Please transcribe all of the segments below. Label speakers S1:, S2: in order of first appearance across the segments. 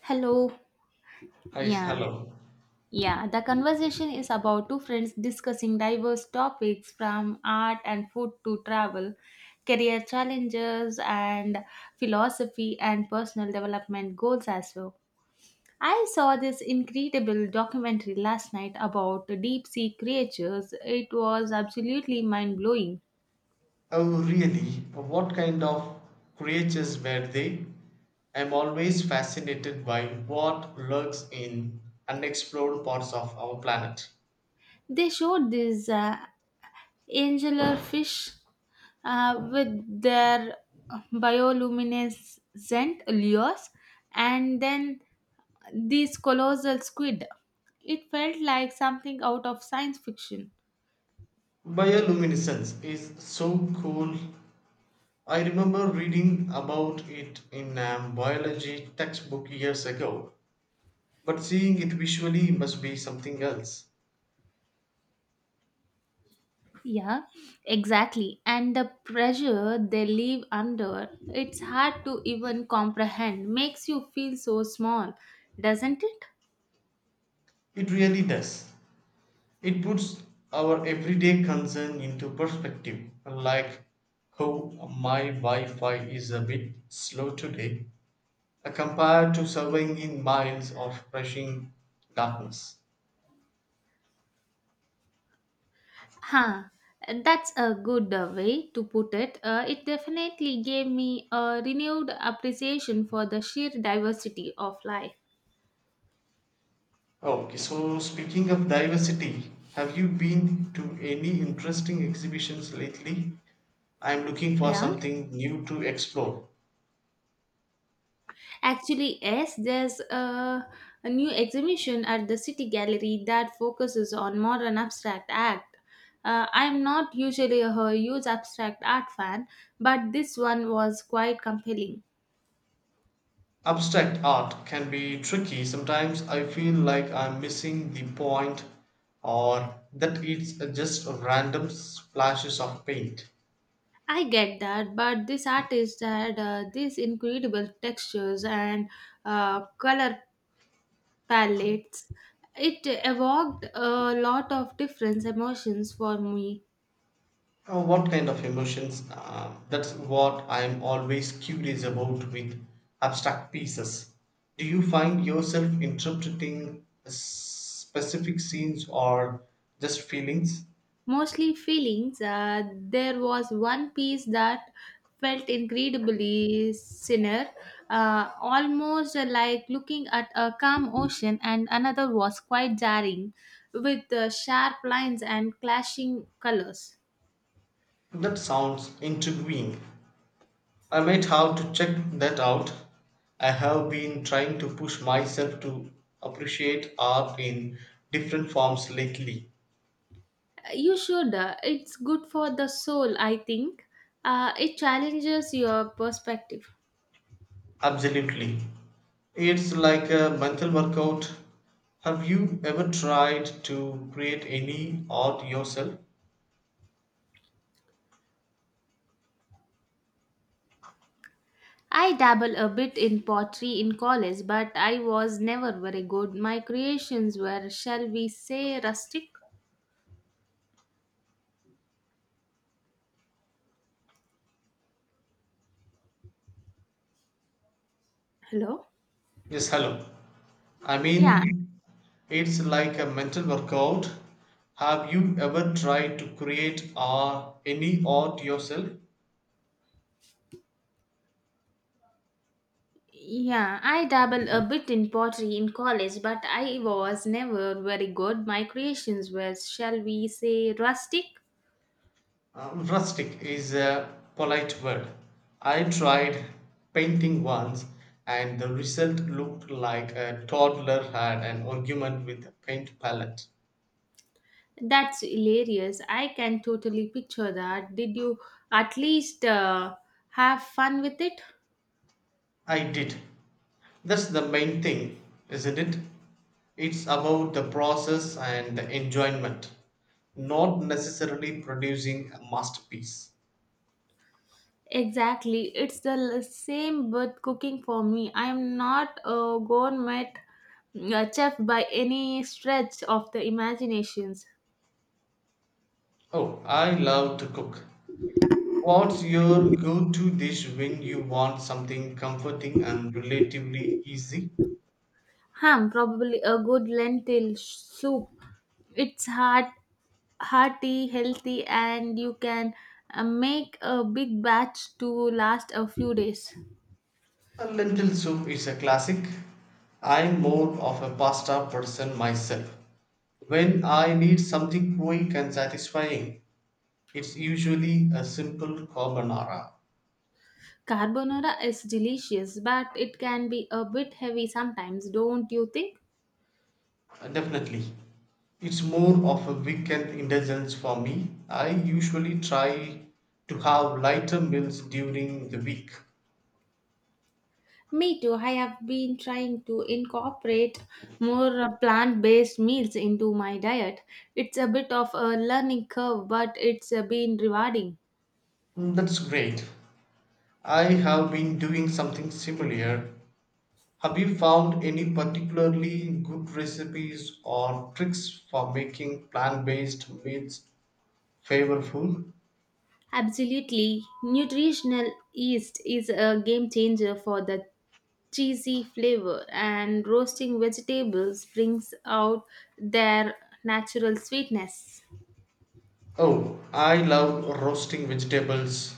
S1: Hello.
S2: Hi,
S1: Yeah.
S2: hello.
S1: Yeah, the conversation is about two friends discussing diverse topics from art and food to travel, career challenges, and philosophy and personal development goals as well. I saw this incredible documentary last night about deep sea creatures. It was absolutely mind blowing.
S2: Oh, really? What kind of creatures were they? I'm always fascinated by what lurks in unexplored parts of our planet.
S1: They showed these anglerfish with their bioluminescent lures and then these colossal squid. It felt like something out of science fiction.
S2: Bioluminescence is so cool. I remember reading about it in a biology textbook years ago, but seeing it visually must be something else.
S1: Yeah, exactly. And the pressure they live under, it's hard to even comprehend, makes you feel so small, doesn't it?
S2: It really does. It puts our everyday concern into perspective, like how my Wi Fi is a bit slow today compared to surveying in miles of rushing darkness.
S1: Huh. That's a good way to put it. It definitely gave me a renewed appreciation for the sheer diversity of life.
S2: Okay, so speaking of diversity, have you been to any interesting exhibitions lately? I'm looking for
S1: Yeah.
S2: something new to explore.
S1: Actually, yes, there's a new exhibition at the City Gallery that focuses on modern abstract art. I'm not usually a huge abstract art fan, but this one was quite compelling.
S2: Abstract art can be tricky sometimes I feel like I'm missing the point or that it's just random splashes of paint.
S1: I get that, but this artist had these incredible textures and color palettes. It evoked a lot of different emotions for me,
S2: What kind of emotions? That's what I'm always curious about with abstract pieces. Do you find yourself interpreting specific scenes or just feelings?
S1: mostly feelings. There was one piece that felt incredibly sinner, almost like looking at a calm ocean, and another was quite jarring with sharp lines and clashing colors.
S2: That sounds intriguing. I might have to check that out. I have been trying to push myself to appreciate art in different forms lately.
S1: You should, it's good for the soul, I think. It challenges your perspective.
S2: Absolutely. It's like a mental workout. Have you ever tried to create any art yourself?
S1: I dabble a bit in pottery in college, but I was never very good. My creations were, shall we say, rustic. Hello?
S2: Yes, hello. I
S1: Yeah,
S2: mean, it's like a mental workout. Have you ever tried to create any art yourself?
S1: yeah. I dabble a bit in pottery in college, but I was never very good. My creations were, shall we say, rustic.
S2: Rustic is a polite word. I tried painting once, and the result looked like a toddler had an argument with a paint palette.
S1: That's hilarious. I can totally picture that. Did you at least have fun with it?
S2: I did. That's the main thing, isn't it? It's about the process and the enjoyment, not necessarily producing a masterpiece.
S1: Exactly. Same with cooking for me. I'm not a gourmet chef by any stretch of the imaginations.
S2: Oh, I love to cook. What's your go to dish when you want something comforting and relatively easy?
S1: Ham, probably a good lentil soup. It's heart, hearty, healthy, and you can make a big batch to last a few days.
S2: A Lentil soup is a classic. I'm more of a pasta person myself. When I need something quick and satisfying, it's usually a simple carbonara.
S1: Carbonara is delicious, but it can be a bit heavy sometimes, don't you think?
S2: Definitely. It's more of a weekend indulgence for me. I usually try to have lighter meals during the week.
S1: Me too. I have been trying to incorporate more plant-based meals into my diet. It's a bit of a learning curve, but it's been rewarding.
S2: Mm, that's great. I have been doing something similar. Have you found any particularly good recipes or tricks for making plant based meals flavorful?
S1: Absolutely. Nutritional yeast is a game changer for the cheesy flavor, and roasting vegetables brings out their natural sweetness.
S2: Oh, I love roasting vegetables,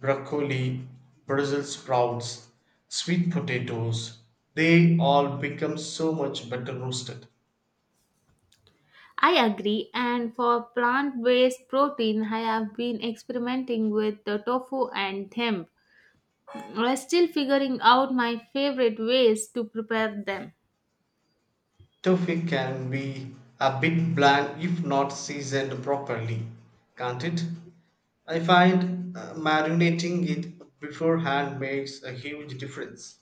S2: broccoli, Brussels sprouts, sweet potatoes. They all become so much better roasted.
S1: I agree, and for plant based protein, I have been experimenting with the tofu and hemp. I'm still figuring out my favorite ways to prepare them.
S2: Tofu can be a bit bland if not seasoned properly, can't it? I find marinating it beforehand makes a huge difference.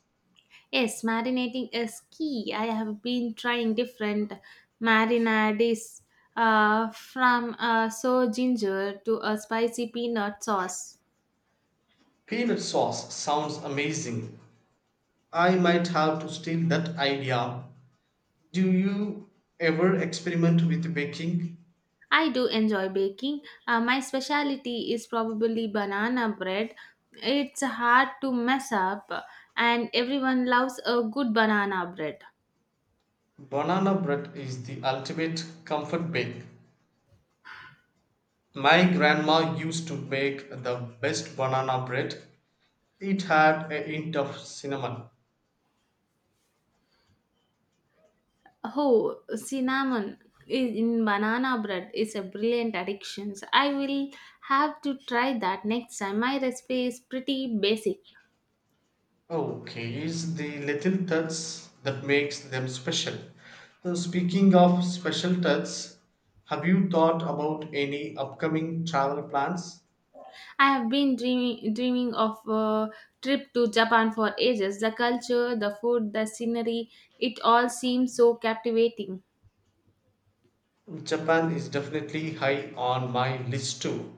S1: Yes, marinating is key. I have been trying different marinades from ginger to a spicy peanut sauce.
S2: Peanut sauce sounds amazing. I might have to steal that idea. Do you ever experiment with baking?
S1: I do enjoy baking. My specialty is probably banana bread. It's hard to mess up, and everyone loves a good banana bread.
S2: Banana bread is the ultimate comfort bake. My grandma used to make the best banana bread. It had a hint of cinnamon.
S1: Oh, cinnamon in banana bread is a brilliant addiction. So I will have to try that next time. My recipe is pretty basic.
S2: Okay, it's the little touch that makes them special. So speaking of special touch, have you thought about any upcoming travel plans?
S1: I have been dreaming of a trip to Japan for ages. The culture, the food, the scenery, it all seems so captivating.
S2: Japan is definitely high on my list too.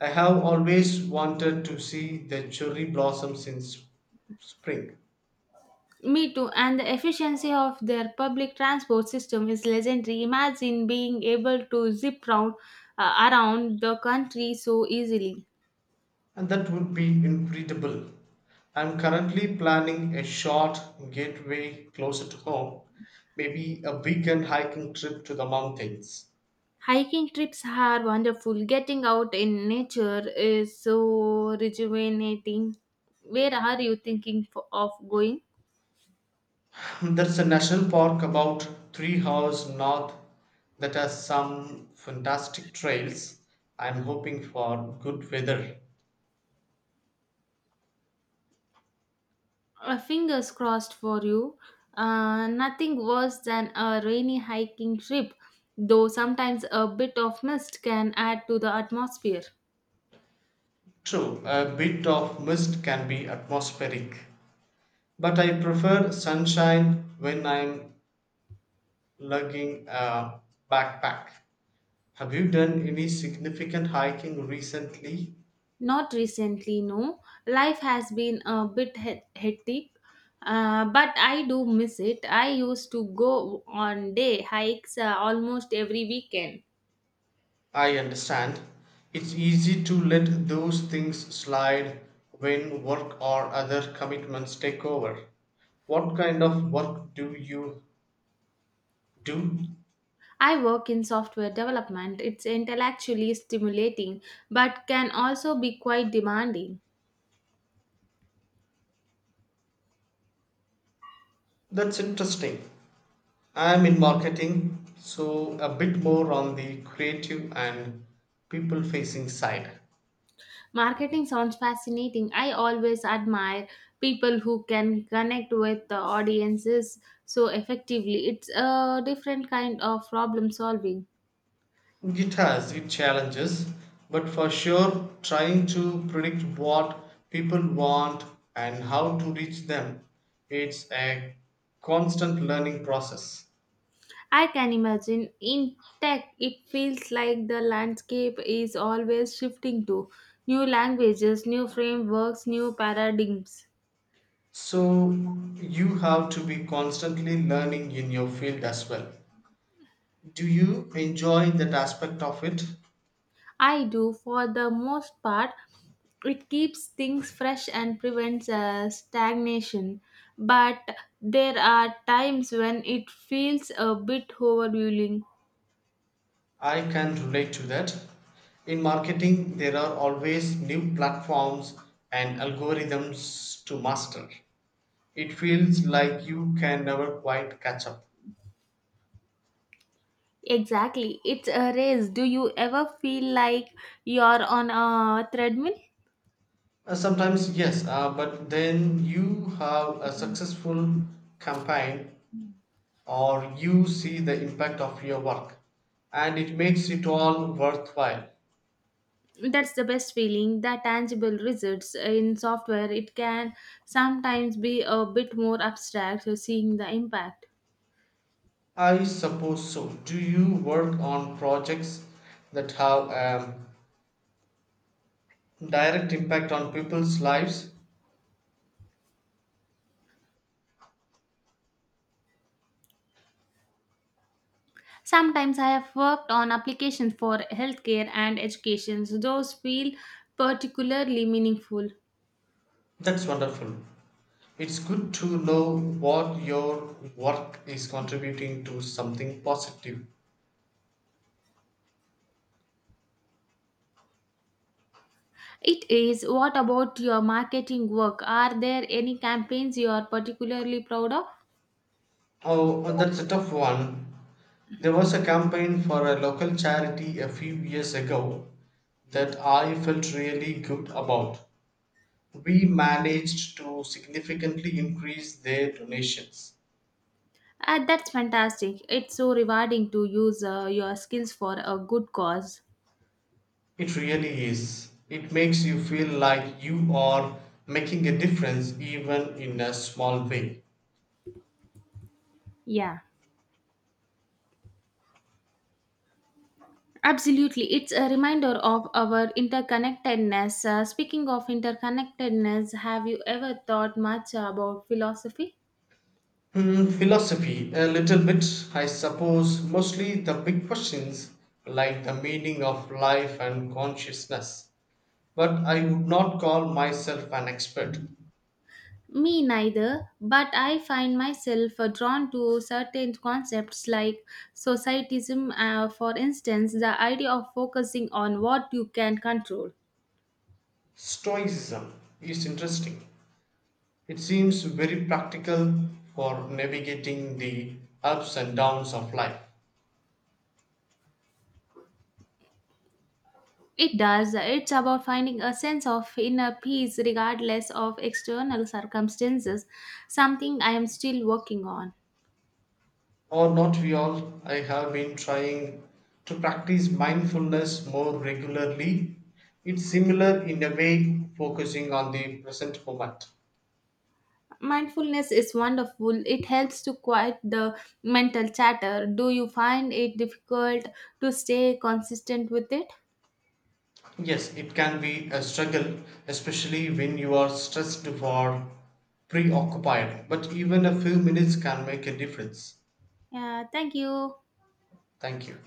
S2: I have always wanted to see the cherry blossoms in spring,
S1: Me too, and the efficiency of their public transport system is legendary. Imagine being able to around the country so easily.
S2: and that would be incredible. I'm currently planning a short getaway closer to home, maybe a weekend hiking trip to the mountains.
S1: Hiking trips are wonderful. Getting out in nature is so rejuvenating. Where are you of going?
S2: There is a national park about 3 hours north that has some fantastic trails. I'm hoping for good weather.
S1: Fingers crossed for you. Nothing worse than a rainy hiking trip, though sometimes a bit of mist can add to the atmosphere.
S2: True, a bit of mist can be atmospheric, but I prefer sunshine when I'm lugging a backpack. Have you done any significant hiking recently?
S1: Not recently, no. Life has been a bit he- hectic, but I do miss it. I used to go on day hikes almost every weekend.
S2: I understand. It's easy to let those things slide when work or other commitments take over. What kind of work do you do?
S1: I work in software development. It's intellectually stimulating, but can also be quite demanding.
S2: That's interesting. I'm in marketing, so a bit more on the creative and people facing side.
S1: Marketing sounds fascinating. I always admire people who can connect with the audiences so effectively. It's a different kind of problem solving.
S2: It has its challenges, but for sure, trying to predict what people want and how to reach them, it's a constant learning process.
S1: I can imagine in tech, it feels like the landscape is always shifting to new languages, new frameworks, new paradigms.
S2: So, you have to be constantly learning in your field as well. Do you enjoy that aspect of it?
S1: I do for the most part. It keeps things fresh and prevents stagnation, but there are times when it feels a bit overwhelming.
S2: I can relate to that. In marketing, there are always new platforms and algorithms to master. It feels like you can never quite catch up.
S1: Exactly, it's a race. Do you ever feel like you're on a treadmill?
S2: Sometimes, yes, but then you have a successful campaign or you see the impact of your work and it makes it all worthwhile.
S1: That's the best feeling. The tangible results in software it can sometimes be a bit more abstract, so seeing the impact.
S2: I suppose so. Do you work on projects that have direct impact on people's lives?
S1: Sometimes I have worked on applications for healthcare and education. So those feel particularly meaningful.
S2: That's wonderful. It's good to know what your work is contributing to something positive.
S1: It is. What about your marketing work? Are there any campaigns you are particularly proud of?
S2: Oh, that's a tough one. There was a campaign for a local charity a few years ago that I felt really good about. We managed to significantly increase their donations.
S1: Ah, that's fantastic. It's so rewarding to use your skills for a good cause.
S2: It really is. It makes you feel like you are making a difference even in a small way.
S1: Yeah, absolutely. It's a reminder of our interconnectedness. Speaking of interconnectedness, have you ever thought much about philosophy?
S2: Hmm, philosophy, a little bit, I suppose, mostly the big questions like the meaning of life and consciousness. But I would not call myself an expert.
S1: Me neither, but I find myself drawn to certain concepts like societism, for instance, the idea of focusing on what you can control.
S2: Stoicism is interesting. It seems very practical for navigating the ups and downs of life.
S1: It does, it's about finding a sense of inner peace regardless of external circumstances, something I am still working on.
S2: Or not we all, I have been trying to practice mindfulness more regularly. It's similar in a way, focusing on the present moment.
S1: Mindfulness is wonderful, it helps to quiet the mental chatter. Do you find it difficult to stay consistent with it?
S2: Yes, it can be a struggle, especially when you are stressed or preoccupied, but even a few minutes can make a difference.
S1: Yeah, thank you.
S2: Thank you.